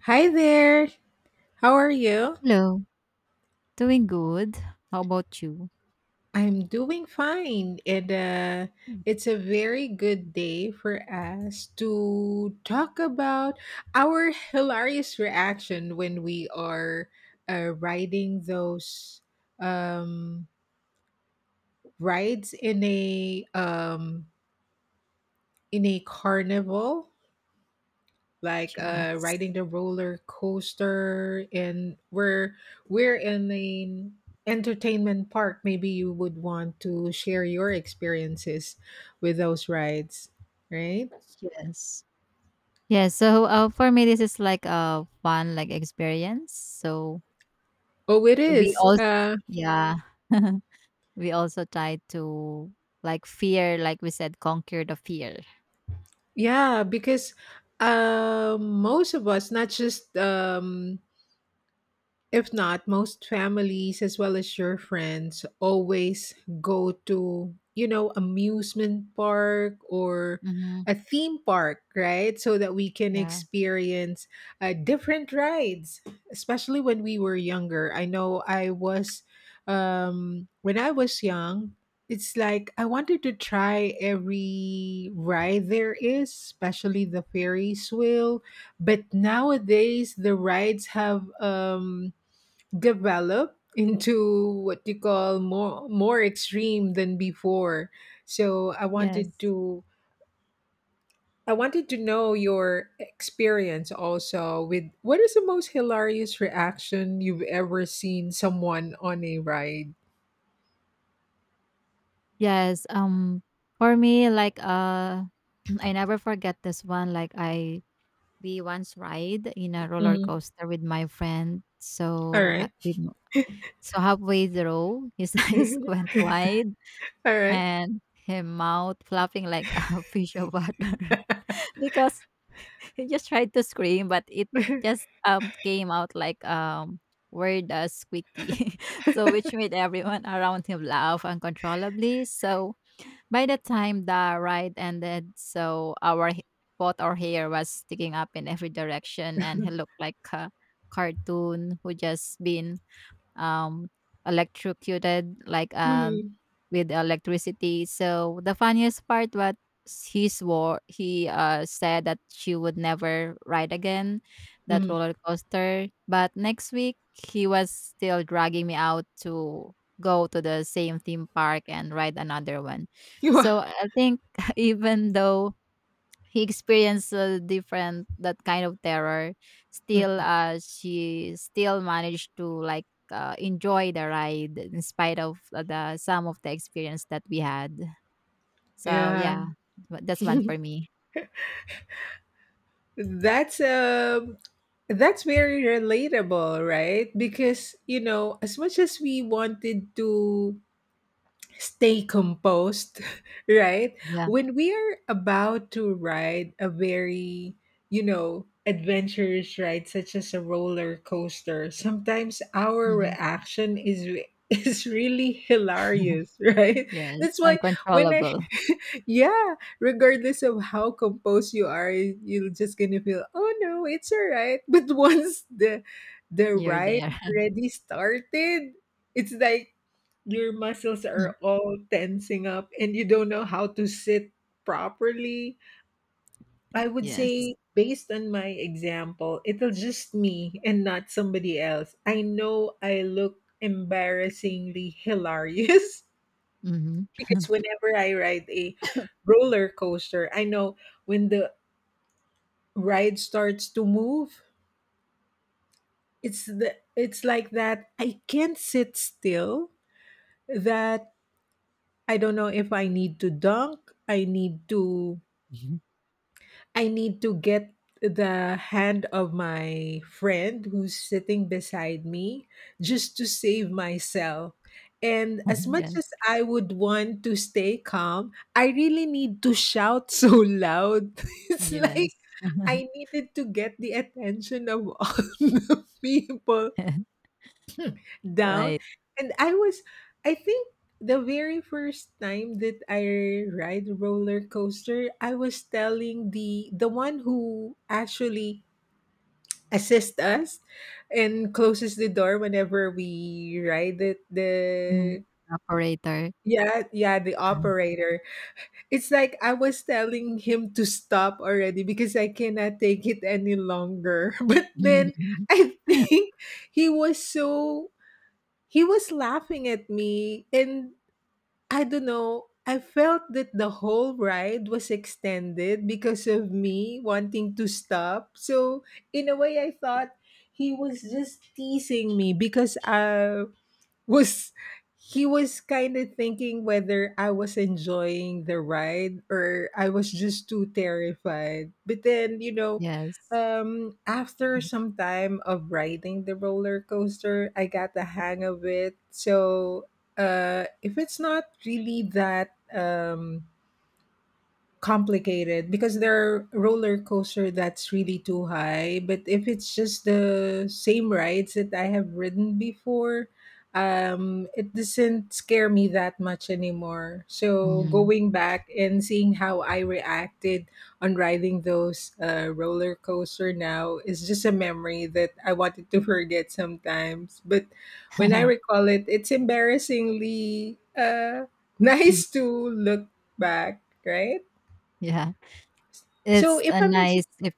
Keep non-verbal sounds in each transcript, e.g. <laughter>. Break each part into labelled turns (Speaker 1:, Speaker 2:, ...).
Speaker 1: Hi there. How are you?
Speaker 2: Hello. Doing good. How about you?
Speaker 1: I'm doing fine. And
Speaker 2: Mm.
Speaker 1: It's a very good day for us to talk about our hilarious reaction when we are riding those um, rides in a carnival. Like
Speaker 2: Yes.
Speaker 1: riding the roller coaster and we're in an entertainment park. Maybe you would want to share your experiences with those rides, right?
Speaker 2: Yes. Yeah. So for me, this is like a fun like experience. So
Speaker 1: Oh, it
Speaker 2: we
Speaker 1: is,
Speaker 2: also yeah <laughs> we also try to like fear, like we said, conquer the fear.
Speaker 1: yeah, because most of us, not just if not, most families as well as your friends always go to, you know, amusement park or
Speaker 2: Mm-hmm.
Speaker 1: a theme park, right? So that we can
Speaker 2: Yeah.
Speaker 1: experience different rides, especially when we were younger. I know I was, when I was young, it's like I wanted to try every ride there is, especially the Ferris wheel. But nowadays, the rides have develop into what you call more extreme than before. So I wanted
Speaker 2: Yes.
Speaker 1: to, I wanted to know your experience also with what is the most hilarious reaction you've ever seen someone on a ride.
Speaker 2: Yes. For me, like <clears throat> I never forget this one. Like I we once ride in a roller
Speaker 1: Mhm.
Speaker 2: coaster with my friend.
Speaker 1: All right.
Speaker 2: So halfway through, his <laughs> eyes
Speaker 1: <laughs>
Speaker 2: went wide
Speaker 1: All right.
Speaker 2: and his mouth flapping like <laughs> a fish of water <laughs> because he just tried to scream, but it
Speaker 1: <laughs>
Speaker 2: just came out like word squeaky. <laughs> So which made everyone around him laugh uncontrollably. So by the time the ride ended, so both our hair was sticking up in every direction, and he looked like a cartoon who just been um electrocuted, like
Speaker 1: Mhm.
Speaker 2: with electricity. So the funniest part was, he swore he said that she would never ride again that
Speaker 1: Mhm. <laughs>
Speaker 2: roller coaster, but next week he was still dragging me out to go to the same theme park and ride another one.
Speaker 1: You
Speaker 2: So
Speaker 1: are-
Speaker 2: I think <laughs> even though he experienced a different, that kind of terror, still
Speaker 1: Mhm.
Speaker 2: she still managed to like enjoy the ride in spite of the some of the experience that we had. So
Speaker 1: Yeah.
Speaker 2: yeah, but that's one for
Speaker 1: <laughs>
Speaker 2: me.
Speaker 1: That's um that's very relatable, right? Because you know, as much as we wanted to stay composed, <laughs> right?
Speaker 2: Yeah.
Speaker 1: When we are about to ride a very, you know, adventurous ride such as a roller coaster, sometimes our
Speaker 2: Hmm.
Speaker 1: reaction is <laughs> is really hilarious, <laughs> right?
Speaker 2: Yes,
Speaker 1: That's why when I
Speaker 2: uncontrollable.
Speaker 1: <laughs> yeah, regardless of how composed you are, you're just gonna feel, oh no, it's all right. <laughs> But once
Speaker 2: <laughs>
Speaker 1: the
Speaker 2: You're
Speaker 1: ride
Speaker 2: there.
Speaker 1: already started, it's like your muscles are
Speaker 2: <laughs>
Speaker 1: all tensing up and you don't know how to sit properly. I would
Speaker 2: Yes.
Speaker 1: say, based on my example, it'll just me and not somebody else. I know I look embarrassingly hilarious
Speaker 2: Hmm.
Speaker 1: <laughs> because whenever I ride a roller coaster, I know when the ride starts to move, it's like that I can't sit still, that I don't know if I need to dunk, I need to,
Speaker 2: <laughs>
Speaker 1: I need to get the hand of my friend who's sitting beside me just to save myself. And as much
Speaker 2: Yes,
Speaker 1: as I would want to stay calm, I really need to shout so loud. <laughs> It's like
Speaker 2: yes. <laughs>
Speaker 1: I needed to get the attention of all <laughs> the people down.
Speaker 2: Right.
Speaker 1: And I was, I think the very first time that I ride roller coaster, I was telling the one who actually assists us and closes the door whenever we ride it.
Speaker 2: Mhm.
Speaker 1: The
Speaker 2: Operator.
Speaker 1: yeah, yeah, the
Speaker 2: <laughs>
Speaker 1: operator. It's like I was telling him to stop already because I cannot take it any longer. <laughs> But then
Speaker 2: <laughs>
Speaker 1: I <laughs> think he was so he was laughing at me, and I don't know, I felt that the whole ride was extended because of me wanting to stop. So, in a way, I thought he was just teasing me because I was he was kind of thinking whether I was enjoying the ride or I was just too terrified. But then, you know,
Speaker 2: Yes.
Speaker 1: after some time of riding the roller coaster, I got the hang of it. So if it's not really that complicated, because there are roller coaster that's really too high, but if it's just the same rides that I have ridden before, it doesn't scare me that much anymore. So
Speaker 2: Mm,
Speaker 1: going back and seeing how I reacted on riding those roller coaster now is just a memory that I wanted to <laughs> forget sometimes, but when I recall it, it's embarrassingly <laughs> nice to look back, right?
Speaker 2: yeah.
Speaker 1: So
Speaker 2: It's
Speaker 1: if
Speaker 2: a
Speaker 1: I may,
Speaker 2: nice if.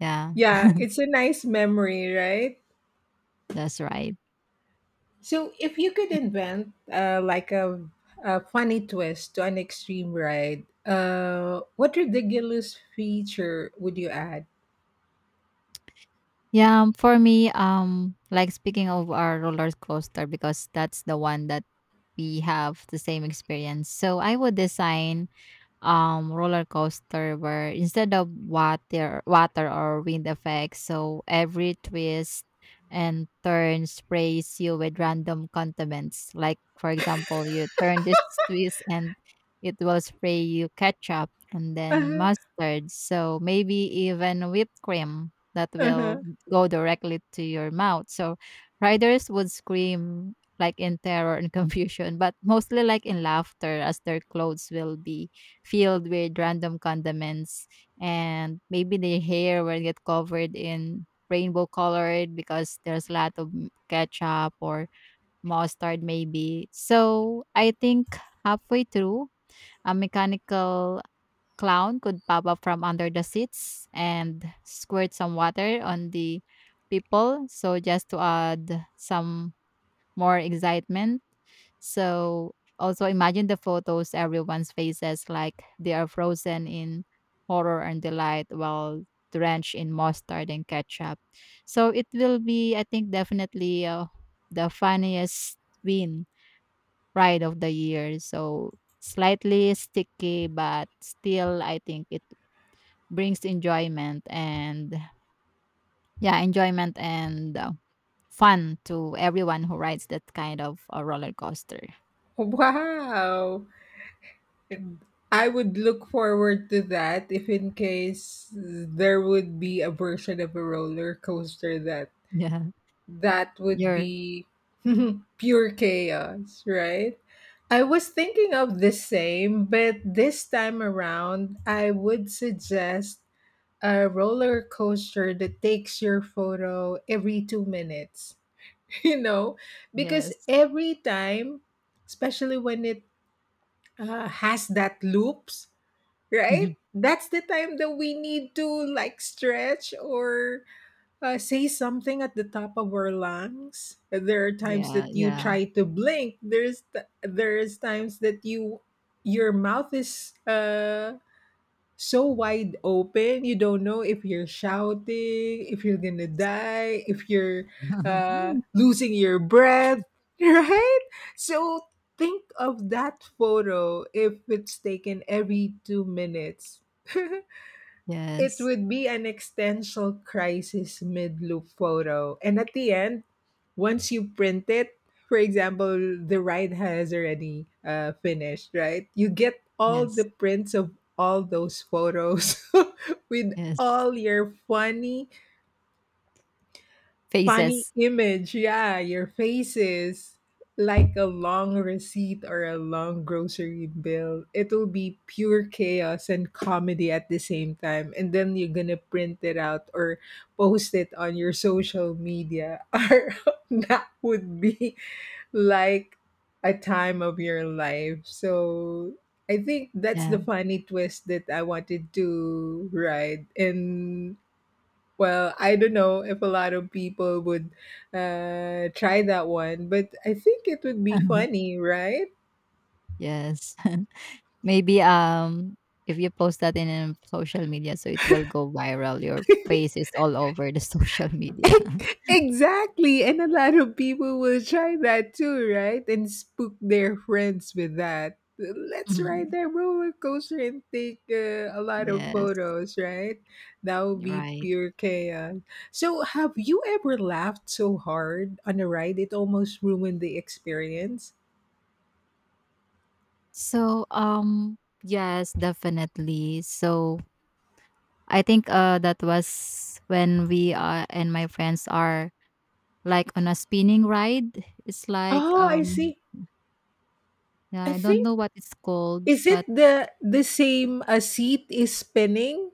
Speaker 2: Yeah,
Speaker 1: yeah, it's a nice memory, right?
Speaker 2: that's right.
Speaker 1: So if you could invent like a funny twist to an extreme ride, what ridiculous feature would you add?
Speaker 2: Yeah, for me, like speaking of our roller coaster, because that's the one that we have the same experience. So I would design roller coaster where instead of water or wind effects, so every twist and turn sprays you with random condiments. Like, for example, you turn this twist and it will spray you ketchup and then
Speaker 1: <laughs>
Speaker 2: mustard, so maybe even whipped cream that
Speaker 1: Uh-huh,
Speaker 2: will
Speaker 1: uh-huh.
Speaker 2: go directly to your mouth. So riders would scream like in terror and <laughs> confusion, but mostly like in laughter as their clothes will be filled with random condiments, and maybe the hair will get covered in rainbow colored because there's a lot of ketchup or mustard, maybe. So I think halfway through, a mechanical clown could pop up from under the seats and squirt some water on the people, so just to add some more excitement. So also imagine the photos, everyone's faces like they are frozen in horror and delight while drenched in mustard and ketchup. So it will be, I think, definitely the funniest win ride of the year. So slightly sticky, but still, I think it brings enjoyment, and yeah, enjoyment and fun to everyone who rides that kind of a roller coaster.
Speaker 1: Wow. I would look forward to that if in case there would be a version of a roller coaster that
Speaker 2: <laughs> Yeah,
Speaker 1: that would
Speaker 2: you're.
Speaker 1: be <laughs> pure chaos, right? I was thinking of the same, but this time around, I would suggest a roller coaster that takes your photo every 2 minutes, <laughs> you know, because
Speaker 2: Yes.
Speaker 1: every time, especially when it has that loops,
Speaker 2: Mhm.
Speaker 1: right? That's the time that we need to like stretch or say something at the top of our lungs. There are times
Speaker 2: Yeah,
Speaker 1: that you
Speaker 2: yeah.
Speaker 1: try to blink. There's there's times that you your mouth is so wide open you don't know if you're shouting, if you're gonna die, if you're
Speaker 2: <laughs>
Speaker 1: losing your breath, <laughs> right? So think of that photo if it's taken every 2 minutes. <laughs> It
Speaker 2: Yes,
Speaker 1: would be an existential crisis mid loop photo. And at the end, once you print it, for example, the ride has already finished, right? You get all the
Speaker 2: yes,
Speaker 1: prints of all those photos <laughs> with
Speaker 2: yes.
Speaker 1: all your funny Funny
Speaker 2: Faces.
Speaker 1: image, yeah. Your face is like a long receipt or a long grocery bill. It'll be pure chaos and comedy at the same time. And then you're gonna print it out or post it on your social media. <laughs> Or that would be like a time of your life. So I think that's the
Speaker 2: Yeah.
Speaker 1: funny twist that I wanted to ride. And well, I don't know if a lot of people would try that one, but I think it would be
Speaker 2: <laughs>
Speaker 1: funny, right?
Speaker 2: Yes. <laughs> Maybe, if you post that in a social media, so it will go viral. Your face is all over the <laughs> social media. <laughs>
Speaker 1: <laughs> Exactly. And a lot of people will try that too, right? And spook their friends with that. Let's ride
Speaker 2: Mhm.
Speaker 1: that roller coaster and take a lot of
Speaker 2: Yes,
Speaker 1: photos, right? That would be
Speaker 2: right.
Speaker 1: pure chaos. So, have you ever laughed so hard on a ride it almost ruined the experience?
Speaker 2: So, yes, definitely. So I think, that was when we, and my friends are. Like on a spinning ride? It's like,
Speaker 1: Oh, I see.
Speaker 2: yeah,
Speaker 1: I
Speaker 2: I don't
Speaker 1: think
Speaker 2: know what it's called,
Speaker 1: Is it
Speaker 2: but
Speaker 1: the same A Seat is Spinning?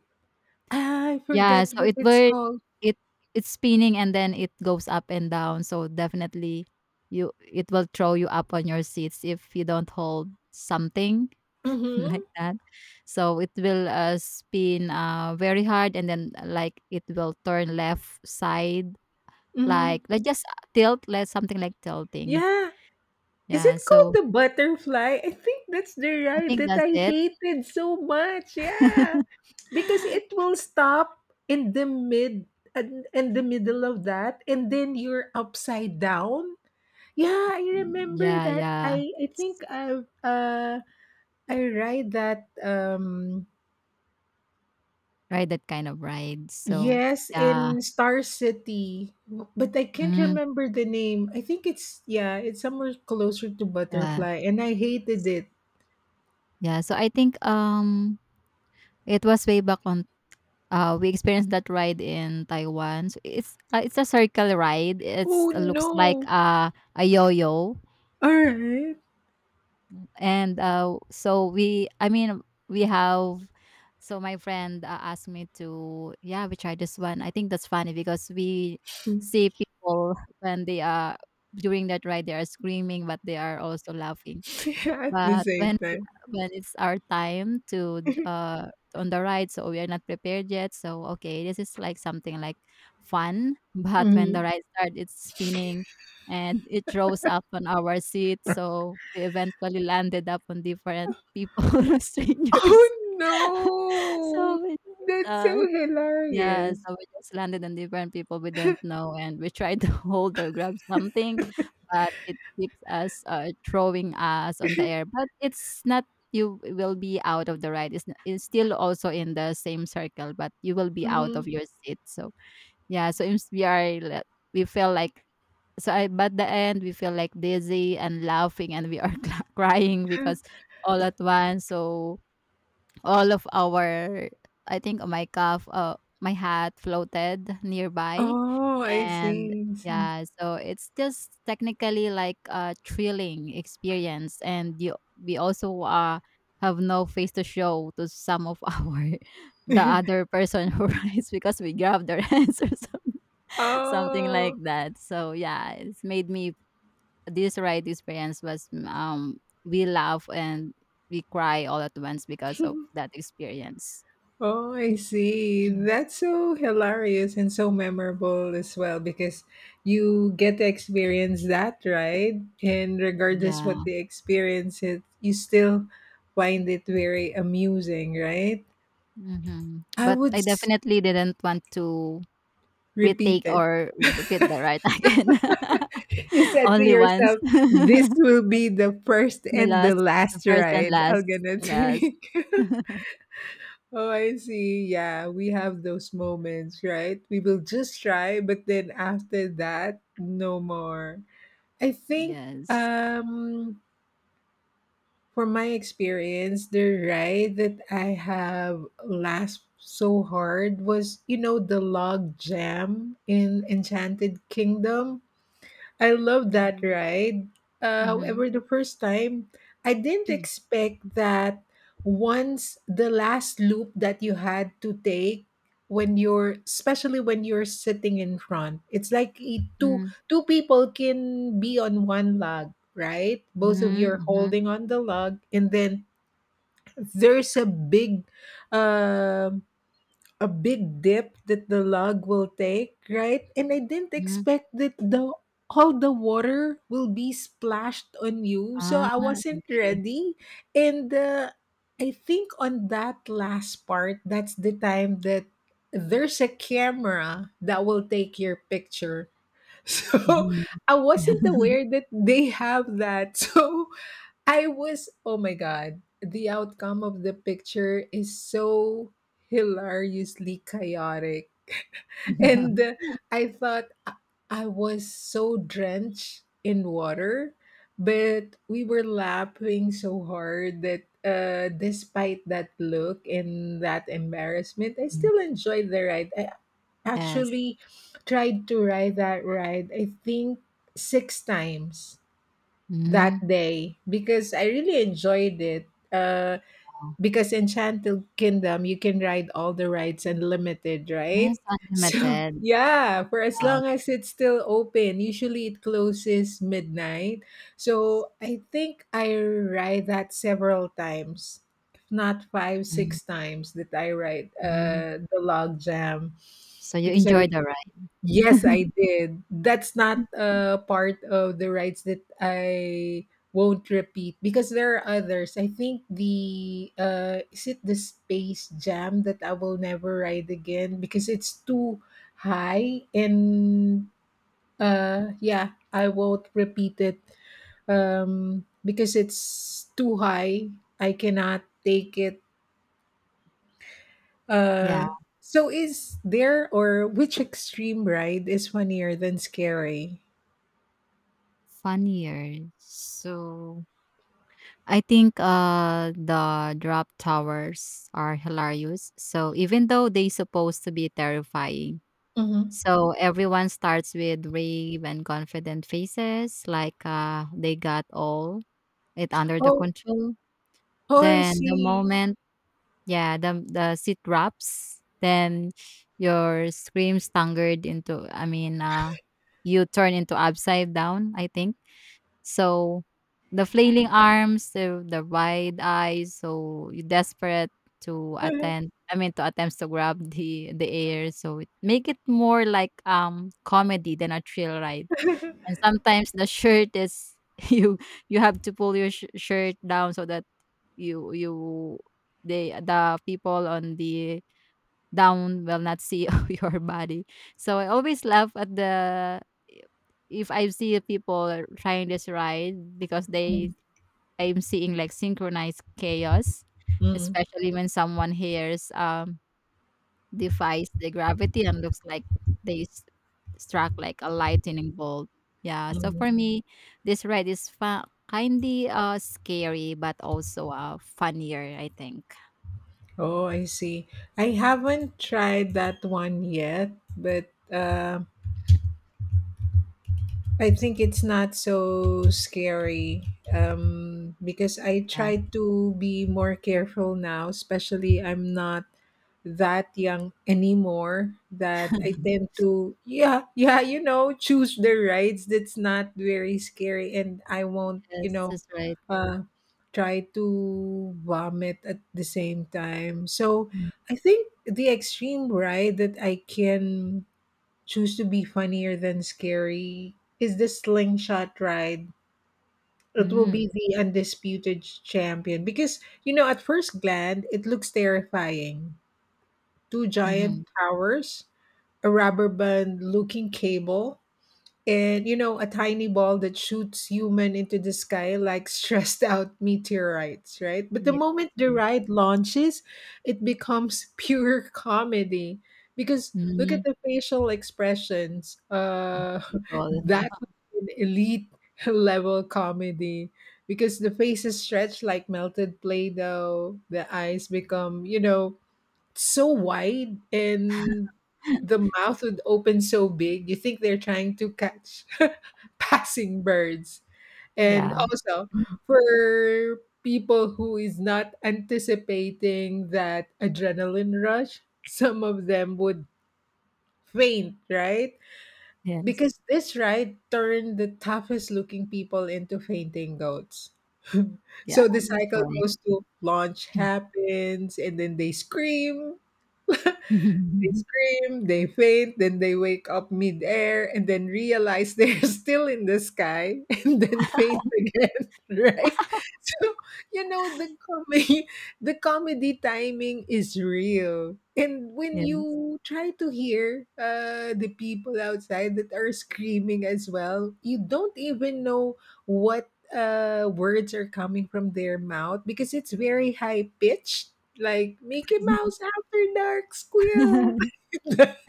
Speaker 1: Ah, I
Speaker 2: yeah,
Speaker 1: forget
Speaker 2: so
Speaker 1: what it's called.
Speaker 2: it it's spinning and then it goes up and down, so definitely you it will throw you up on your seats if you don't hold something <laughs> like
Speaker 1: Mhm,
Speaker 2: that. So it will, spin, very hard and then, like, it will turn left side,
Speaker 1: mhm.
Speaker 2: like just tilt, like something like tilting.
Speaker 1: Yeah. Is
Speaker 2: Yeah,
Speaker 1: it called
Speaker 2: so
Speaker 1: The Butterfly? I think that's the
Speaker 2: I
Speaker 1: ride
Speaker 2: think
Speaker 1: that
Speaker 2: that's
Speaker 1: I
Speaker 2: it.
Speaker 1: hated so much. Yeah.
Speaker 2: <laughs>
Speaker 1: Because it will stop in the mid and in the middle of that and then you're upside down. Yeah, I remember
Speaker 2: Yeah,
Speaker 1: that.
Speaker 2: yeah.
Speaker 1: I think I ride that
Speaker 2: Ride that kind of ride. So,
Speaker 1: yes,
Speaker 2: yeah.
Speaker 1: in Star City, but I can't
Speaker 2: Mm,
Speaker 1: remember the name. I think it's yeah, it's somewhere closer to
Speaker 2: yeah.
Speaker 1: Butterfly, and I hated it.
Speaker 2: Yeah, so I think, it was way back on we experienced that ride in Taiwan. So it's a circle ride.
Speaker 1: Oh
Speaker 2: It looks like
Speaker 1: no!
Speaker 2: a yo-yo.
Speaker 1: All right,
Speaker 2: And, so we I mean, we have, so my friend, asked me to, "Yeah, we try this one." I think that's funny because we see people when they are during that ride, they are screaming, but they are also laughing.
Speaker 1: <laughs> at the
Speaker 2: But
Speaker 1: same time.
Speaker 2: when it's our time to on the ride, so we are not prepared yet. So okay, this is like something like fun. <laughs> But when the
Speaker 1: Mhm.
Speaker 2: ride starts, it's spinning and it rose up on our seat. So we eventually landed up on different people, <laughs> strangers.
Speaker 1: Oh
Speaker 2: <laughs>
Speaker 1: no!
Speaker 2: So it's
Speaker 1: That's
Speaker 2: uh
Speaker 1: so
Speaker 2: yeah,
Speaker 1: hilarious.
Speaker 2: so we just landed on different people we don't know, and we tried to <laughs> hold or grab something, but it keeps us throwing us on the air. But it's not, you will be out of the ride. It's still also in the same circle, but you will be out
Speaker 1: Mhm.
Speaker 2: of your seat. So yeah, so we feel like, but the end we feel like dizzy and laughing and we are <laughs> crying because
Speaker 1: <gasps>
Speaker 2: all at once. So all of our I think my hat floated nearby,
Speaker 1: Oh, I
Speaker 2: and
Speaker 1: see. I see.
Speaker 2: yeah, so it's just technically like a thrilling experience. And you we also have no face to show to some of <laughs> our the
Speaker 1: <laughs>
Speaker 2: other person who <laughs> rides because we grabbed their hands or <laughs> something
Speaker 1: Oh.
Speaker 2: like that. So yeah, it's made me, this ride experience was, we laugh and we cry all at once because of
Speaker 1: <laughs>
Speaker 2: that experience.
Speaker 1: Oh, I see.
Speaker 2: Mm,
Speaker 1: That's so hilarious and so memorable as well because you get to experience that, right? And regardless what
Speaker 2: yeah.
Speaker 1: the experience is, you still find it very amusing, right?
Speaker 2: Mhm.
Speaker 1: I
Speaker 2: But
Speaker 1: would
Speaker 2: I
Speaker 1: s-
Speaker 2: definitely didn't want to
Speaker 1: repeat
Speaker 2: retake
Speaker 1: it.
Speaker 2: or repeat the
Speaker 1: <laughs>
Speaker 2: right <laughs> again.
Speaker 1: You
Speaker 2: <laughs>
Speaker 1: said to
Speaker 2: Only once.
Speaker 1: yourself,
Speaker 2: <laughs>
Speaker 1: "This will be the first
Speaker 2: The
Speaker 1: and the
Speaker 2: last, the
Speaker 1: last
Speaker 2: first and
Speaker 1: ride I'm
Speaker 2: last.
Speaker 1: gonna
Speaker 2: Yes.
Speaker 1: take." <laughs> Oh, I see. Yeah, we have those moments, right? We will just try, but then after that, no more. I think
Speaker 2: Yes.
Speaker 1: um from my experience, the ride that I have last so hard was, you know, the log jam in Enchanted Kingdom. I love that
Speaker 2: Mm-hmm.
Speaker 1: ride.
Speaker 2: Mm-hmm.
Speaker 1: However, the first time, I didn't expect that once the last loop that you had to take, when you're, especially when you're sitting in front, it's like two people can be on one log, right? Both of you are
Speaker 2: Mm-hmm.
Speaker 1: holding on the log, and then there's um a big dip that the log will take, right? And I didn't
Speaker 2: Mm-hmm.
Speaker 1: expect that the all the water will be splashed on you, so
Speaker 2: Ah,
Speaker 1: I wasn't
Speaker 2: okay.
Speaker 1: ready. And I think on that last part, that's the time that there's a camera that will take your picture. <laughs> So
Speaker 2: Mm-hmm.
Speaker 1: I wasn't aware that they have that. <laughs> So I was, oh my God, the outcome of the picture is so hilariously chaotic. And
Speaker 2: <laughs>
Speaker 1: I thought I was so drenched in water, but we were laughing so hard that despite that look and that embarrassment, I still enjoyed the ride. I
Speaker 2: Yes.
Speaker 1: actually tried to ride that ride, I think, 6 times that
Speaker 2: Mm-hmm.
Speaker 1: day because I really enjoyed it.
Speaker 2: Wow.
Speaker 1: Because Enchanted Kingdom, you can ride all the rides unlimited, right?
Speaker 2: That's
Speaker 1: So, <laughs>
Speaker 2: unlimited.
Speaker 1: yeah, for as
Speaker 2: Wow.
Speaker 1: long as it's still open, usually it closes midnight. So, I think I ride that several times, if not 5, 6 times that I ride
Speaker 2: Mm-hmm.
Speaker 1: the log jam
Speaker 2: So you
Speaker 1: because I
Speaker 2: enjoy the ride.
Speaker 1: Yes, I did. That's not part of the rides that I won't repeat because there are others. I think the is it the Space Jam that I will never ride again because it's too high, and yeah, I won't repeat it because it's too high. I cannot take it.
Speaker 2: Yeah.
Speaker 1: Uh, so is there or which extreme ride is funnier than scary?
Speaker 2: Funnier. So I think the drop towers are hilarious. So even though they supposed to be terrifying.
Speaker 1: Mhm.
Speaker 2: So everyone starts with brave and confident faces, like they got all it under the
Speaker 1: Oh
Speaker 2: control.
Speaker 1: oh, I
Speaker 2: Then the
Speaker 1: see.
Speaker 2: moment, yeah, the seat drops, then your screams tangled into, I mean, you turn into upside down, I think. So the flailing arms, the wide eyes, so you desperate to attend.
Speaker 1: <laughs>
Speaker 2: I mean, to attempts to grab <laughs> the air, so it, make it more like comedy than a thrill ride. And sometimes the shirt is, <laughs> you you have to pull your shirt down so that you they the people on the down will not see <laughs> your body. So I always laugh at the if I see people trying this ride because they
Speaker 1: Mm,
Speaker 2: I'm seeing like synchronized chaos,
Speaker 1: mm,
Speaker 2: especially when someone hears defies the gravity and looks like they s- struck like a lightning bolt. Yeah, so
Speaker 1: mm.
Speaker 2: for me, this ride is kindy scary but also funnier, I think.
Speaker 1: Oh, I see. I haven't tried that one yet, but, I think it's not so scary, because I
Speaker 2: Yeah.
Speaker 1: try to be more careful now, especially I'm not that young anymore, that I tend to, yeah, yeah, choose the rides that's not very scary, and I won't,
Speaker 2: Yes, that's right.
Speaker 1: uh, try to vomit at the same time. So I think the extreme ride that I can choose to be funnier than scary is the slingshot ride. It will
Speaker 2: Mm-hmm.
Speaker 1: be the undisputed champion because, you know, at first glance, it looks terrifying. Two
Speaker 2: Mm-hmm.
Speaker 1: giant towers, a rubber band looking cable, and you know, a tiny ball that shoots human into the sky like stressed out meteorites, right? But the
Speaker 2: Yes,
Speaker 1: moment the
Speaker 2: yes.
Speaker 1: ride launches, it becomes <laughs> pure comedy because look at
Speaker 2: Mhm,
Speaker 1: the facial expressions.
Speaker 2: of the
Speaker 1: <laughs>
Speaker 2: people.
Speaker 1: That was an elite <laughs> level comedy because the faces stretch like melted play doh, the eyes become, you know, so wide, and the
Speaker 2: <laughs>
Speaker 1: mouth would open so big you think they're trying to catch <laughs> passing birds. And
Speaker 2: Yeah.
Speaker 1: also,
Speaker 2: Mhm,
Speaker 1: for people who is not anticipating that adrenaline rush, some of them would faint, right,
Speaker 2: yes.
Speaker 1: because this ride turned the toughest looking people into fainting goats. <laughs>
Speaker 2: Yeah,
Speaker 1: So the
Speaker 2: that's
Speaker 1: cycle
Speaker 2: right.
Speaker 1: goes: to launch happens and then they scream they
Speaker 2: <laughs>
Speaker 1: scream, they faint, then they wake up midair and then realize they're <laughs> still in the sky <laughs> and then faint again, <laughs> right? So, you know, the comedy <laughs> the comedy timing is real. And when
Speaker 2: Yes.
Speaker 1: you try to hear the people outside that are screaming as well, you don't even know what words are coming from their mouth because it's very high pitched, like Mickey Mouse, Mr. Dark Squid.
Speaker 2: <laughs>
Speaker 1: <laughs>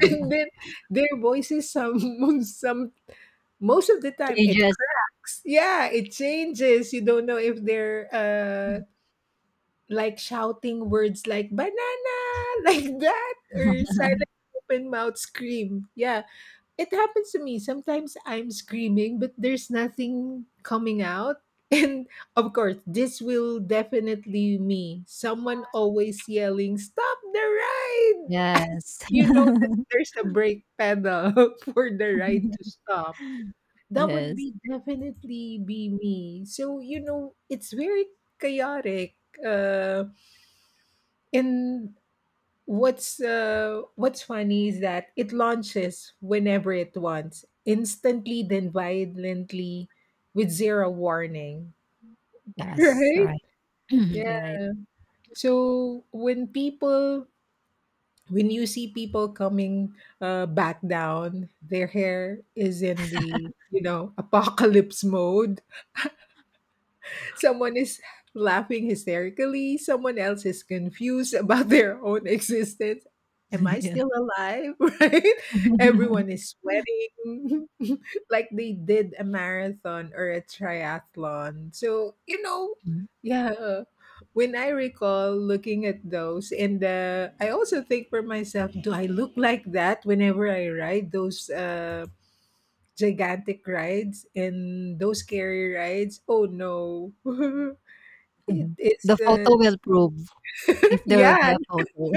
Speaker 1: And then their voices some <laughs> some, most of the time it
Speaker 2: Changes.
Speaker 1: cracks. Yeah, it changes. You don't know if they're like shouting words like banana <laughs> like that, or silent open mouth scream. Yeah. It happens to me. Sometimes I'm screaming, but there's nothing coming out. <laughs> And of course, this will definitely me. Someone always yelling, "Stop the ride!" <laughs> As if
Speaker 2: Yes.
Speaker 1: you know that there's a brake pedal <laughs> for the ride to
Speaker 2: <laughs>
Speaker 1: stop. That would
Speaker 2: Yes,
Speaker 1: be definitely be me. So, you know, it's very chaotic. And what's funny is that it launches whenever it wants, instantly then violently, with zero warning. <laughs>
Speaker 2: yes,
Speaker 1: Right?
Speaker 2: right. <clears throat> Yeah,
Speaker 1: Yeah.
Speaker 2: right.
Speaker 1: So when you see people coming back down, their hair is in the you know apocalypse mode. Someone is laughing hysterically, someone else is confused <laughs> about their own existence. Am I
Speaker 2: <laughs> Yeah.
Speaker 1: still alive? <laughs> Right?
Speaker 2: <laughs>
Speaker 1: Everyone is sweating <laughs> like they did a marathon or a triathlon. So, you know, yeah. When I recall looking at those, and I also think for myself, do I look like that whenever I ride those gigantic rides and those scary rides? Oh no. <laughs> It
Speaker 2: Mhm. The photo
Speaker 1: isn't.
Speaker 2: will prove, if there will be
Speaker 1: Yeah,
Speaker 2: a photo.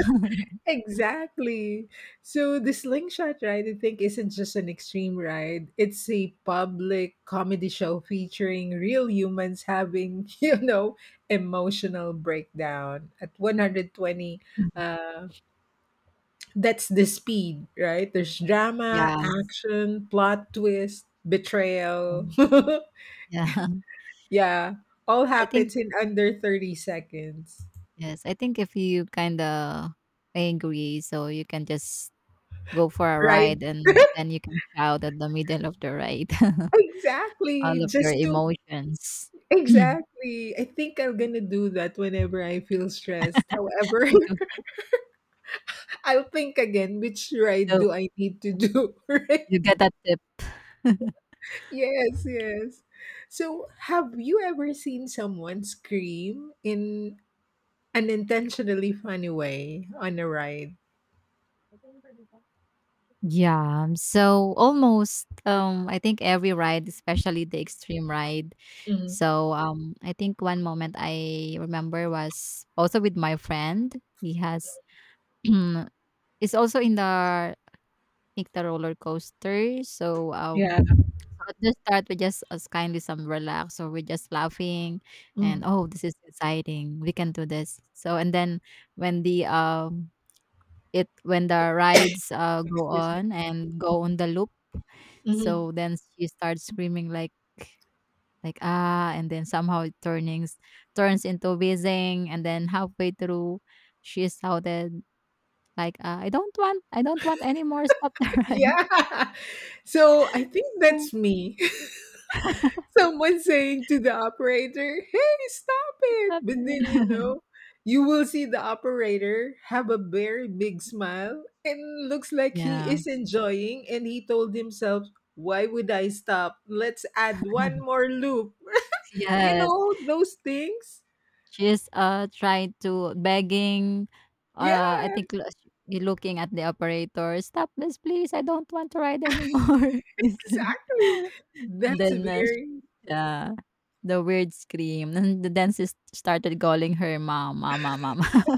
Speaker 1: exactly. So the slingshot ride, I think, isn't just an extreme ride. It's a public comedy show featuring real humans having, <laughs> you know, emotional breakdown at 120.
Speaker 2: <laughs>
Speaker 1: Uh, that's the speed, right? There's drama,
Speaker 2: Yes.
Speaker 1: action, plot twist, betrayal.
Speaker 2: Um,
Speaker 1: <laughs>
Speaker 2: Yeah. <laughs>
Speaker 1: Yeah, all
Speaker 2: I think,
Speaker 1: happens in under 30 seconds.
Speaker 2: yes, I think, if you kinda I agree, so you can just go for a
Speaker 1: Right,
Speaker 2: ride
Speaker 1: <laughs>
Speaker 2: and then you can shout at the middle of the ride <laughs>
Speaker 1: exactly
Speaker 2: all of your
Speaker 1: just two
Speaker 2: emotions. <clears throat> I
Speaker 1: exactly. I think I'm gonna do that whenever I feel stressed. However,
Speaker 2: do.
Speaker 1: <laughs> I'll think again, which ride do I need to do? <laughs> Right?
Speaker 2: You get that tip.
Speaker 1: Yes, yes. So, have you ever seen someone scream in an intentionally funny way on a ride?
Speaker 2: Yeah. So almost I think every ride, especially the extreme ride.
Speaker 1: Mm,
Speaker 2: So I think one moment I remember was also with my friend. He has <clears throat> it's also in the I think the roller coaster. So
Speaker 1: yeah.
Speaker 2: So at the start, we just as kindly some relax, or we're just laughing,
Speaker 1: Mm,
Speaker 2: and oh, this is exciting. We can do this. So and then when the um when the rides go
Speaker 1: excuse me.
Speaker 2: on and go on the loop,
Speaker 1: Mhm.
Speaker 2: so then she starts screaming like ah, and then somehow it turnings turns into whizzing, and then halfway through, she shouted like, I don't want, I don't want anymore. Stop the ride. <laughs>
Speaker 1: Yeah. <laughs> So, I think
Speaker 2: So
Speaker 1: that's me. <laughs> Someone saying to the operator, "Hey, stop it!"
Speaker 2: stop
Speaker 1: But
Speaker 2: the
Speaker 1: then you
Speaker 2: ride.
Speaker 1: know,
Speaker 2: <laughs>
Speaker 1: you will see the operator have a very big smile and looks like he
Speaker 2: Yeah.
Speaker 1: is enjoying. And he told himself, "Why would I stop? Let's add one more loop." You
Speaker 2: Yes.
Speaker 1: know those things.
Speaker 2: She's, trying to begging, I
Speaker 1: Yeah,
Speaker 2: think, lo sh looking at the operator, "Stop this, please. I don't want to ride anymore." <laughs> Please.
Speaker 1: exactly.
Speaker 2: <laughs> And
Speaker 1: That's
Speaker 2: then, sh
Speaker 1: very
Speaker 2: yeah, the weird scream. And the dentist started calling her mom, "Mama, mama." <laughs>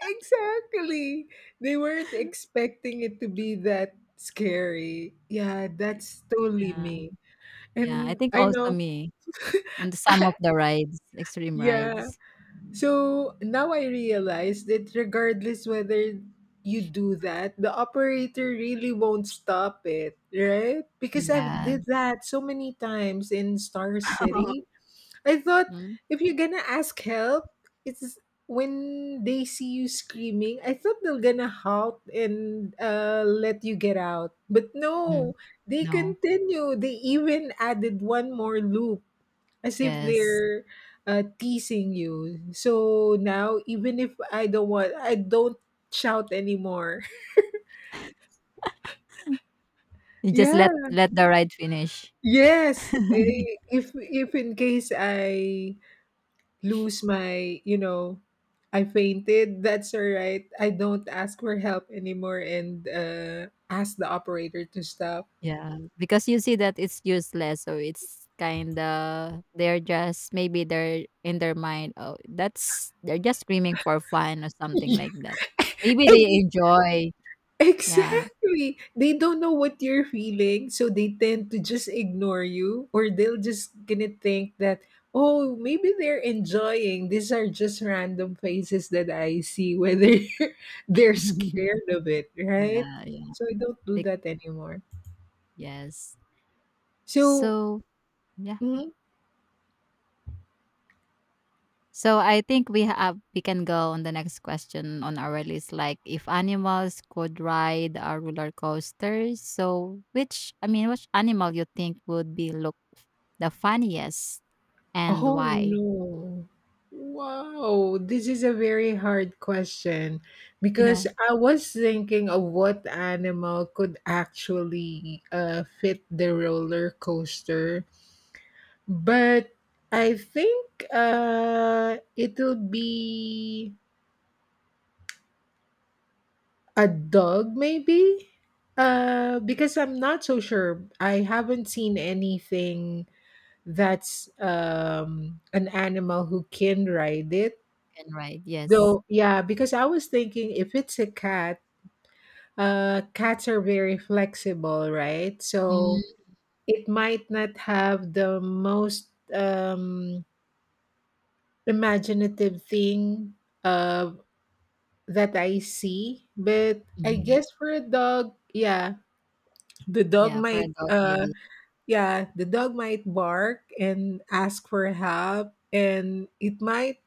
Speaker 1: exactly. They weren't expecting it to be that scary. Yeah, that's totally
Speaker 2: Yeah,
Speaker 1: me.
Speaker 2: yeah. I
Speaker 1: And
Speaker 2: think
Speaker 1: I
Speaker 2: also
Speaker 1: know.
Speaker 2: me on the some of the rides, extreme
Speaker 1: Yeah.
Speaker 2: rides.
Speaker 1: So now I realize that regardless whether you do that, the operator really won't stop it, right? Because I've
Speaker 2: Yeah.
Speaker 1: did that so many times in Star City.
Speaker 2: <laughs>
Speaker 1: I thought
Speaker 2: Mm,
Speaker 1: if you're gonna ask help, it's when they see you screaming, I thought they're gonna halt and let you get out. But
Speaker 2: mhm.
Speaker 1: no, they
Speaker 2: No.
Speaker 1: continue. They even added one more loop as if
Speaker 2: Yes.
Speaker 1: they're teasing you. So now, even if I don't want, I don't shout anymore. <laughs>
Speaker 2: You just let
Speaker 1: Yeah.
Speaker 2: let the ride finish.
Speaker 1: Yes. Eh, if in case I lose my, you know, I fainted. That's all right. I don't ask for help anymore and ask the operator to stop.
Speaker 2: Yeah, because you see that it's useless, so it's kinda they're just, maybe they're in their mind, "Oh, that's they're just screaming for fun," or something like
Speaker 1: <laughs>
Speaker 2: that. Maybe they
Speaker 1: Ex-
Speaker 2: enjoy, yeah.
Speaker 1: Exactly. They don't know what you're feeling, so they tend to just ignore you, or they'll just gonna think that, oh, maybe they're enjoying. These are just random faces that I see, whether <laughs> they're
Speaker 2: <laughs>
Speaker 1: scared of it, right?
Speaker 2: Yeah, yeah.
Speaker 1: So I don't do
Speaker 2: Like,
Speaker 1: that anymore.
Speaker 2: yes.
Speaker 1: So,
Speaker 2: So, yeah. So I think we can go on the next question on our list, like, if animals could ride a roller coaster, so which, I mean, which animal you think would be look the funniest? And
Speaker 1: oh
Speaker 2: why?
Speaker 1: no. Wow, this is a very hard question
Speaker 2: Yeah.
Speaker 1: because I was thinking of what animal could actually fit the roller coaster, but I think it'll be a dog, maybe. Because I'm not so sure. I haven't seen anything that's an animal who can ride it.
Speaker 2: Can ride, yes.
Speaker 1: Though, yeah, because I was thinking if it's a cat, cats are very flexible, right? So
Speaker 2: Mm,
Speaker 1: it might not have the most imaginative thing uh, that I see. But I
Speaker 2: mhm.
Speaker 1: guess for a dog, yeah, the dog
Speaker 2: Yeah, for a
Speaker 1: might,
Speaker 2: dog maybe.
Speaker 1: yeah, the dog might bark and ask for help, and it might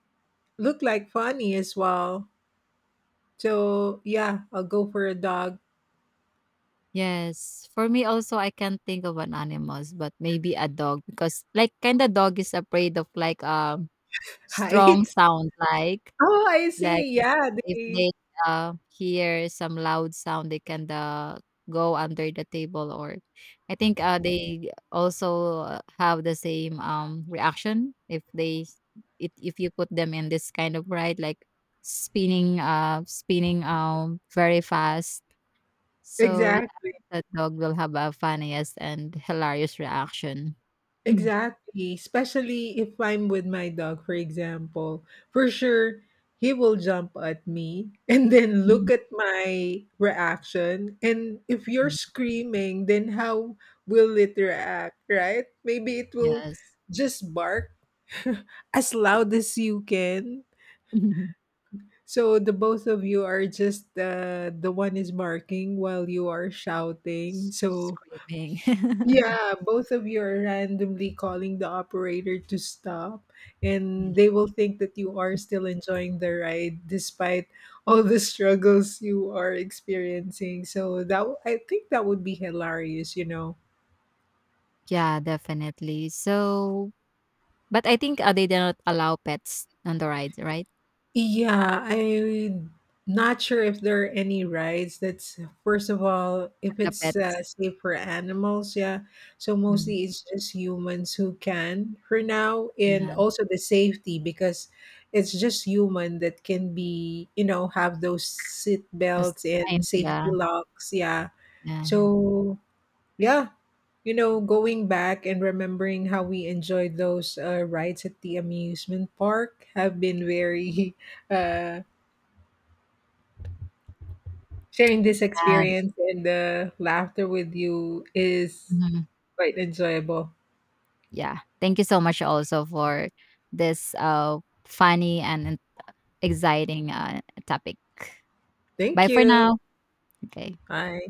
Speaker 1: look like funny as well. So yeah, I'll go for a dog.
Speaker 2: Yes, for me also I can't think of an animals, but maybe a dog because like kinda dog is afraid of like,
Speaker 1: <laughs>
Speaker 2: strong
Speaker 1: Height.
Speaker 2: sound like.
Speaker 1: Oh, I
Speaker 2: Like,
Speaker 1: see.
Speaker 2: if
Speaker 1: Yeah,
Speaker 2: if
Speaker 1: they
Speaker 2: they, hear some loud sound, they can, go under the table, or I think, they also have the same, reaction if they it if you put them in this kind of ride, like spinning, very fast. So, yeah,
Speaker 1: exactly,
Speaker 2: the dog will have a funniest and hilarious reaction. <clears throat>
Speaker 1: exactly. Especially if I'm with my dog, for example. For sure, he will jump at me <laughs> and then look
Speaker 2: Mm.
Speaker 1: at my reaction. And if you're
Speaker 2: <laughs>
Speaker 1: screaming, then how will it react, right? Maybe it will
Speaker 2: Yes.
Speaker 1: just bark <laughs> as loud as you can.
Speaker 2: <laughs>
Speaker 1: So the both of you are just the one is barking while you are shouting. So
Speaker 2: Screaming. <laughs>
Speaker 1: yeah, both of you are randomly calling the operator to stop, and they will think that you are still enjoying the ride despite all the struggles you are experiencing. So that, I think, that would be hilarious, you know.
Speaker 2: Yeah, definitely. So, but I think they do not allow pets on the rides, right?
Speaker 1: Yeah, I am not sure if there are any rides that's first of all
Speaker 2: For
Speaker 1: if
Speaker 2: the
Speaker 1: it's
Speaker 2: pets.
Speaker 1: safe for animals, yeah, so
Speaker 2: Mm,
Speaker 1: mostly it's just humans who can for now, and
Speaker 2: yeah,
Speaker 1: also the safety because it's just human that can be you know have those seat
Speaker 2: just
Speaker 1: belts and
Speaker 2: fine. Yeah,
Speaker 1: safety locks, yeah,
Speaker 2: yeah, yeah.
Speaker 1: so yeah. You know, going back and remembering how we enjoyed those rides at the amusement park have been very <laughs> uh, sharing this
Speaker 2: And,
Speaker 1: experience and the laughter with you is
Speaker 2: mhm.
Speaker 1: quite enjoyable.
Speaker 2: Yeah. Thank you so much also for this funny and exciting topic.
Speaker 1: Thank
Speaker 2: Bye for
Speaker 1: you.
Speaker 2: now. Okay.
Speaker 1: Bye.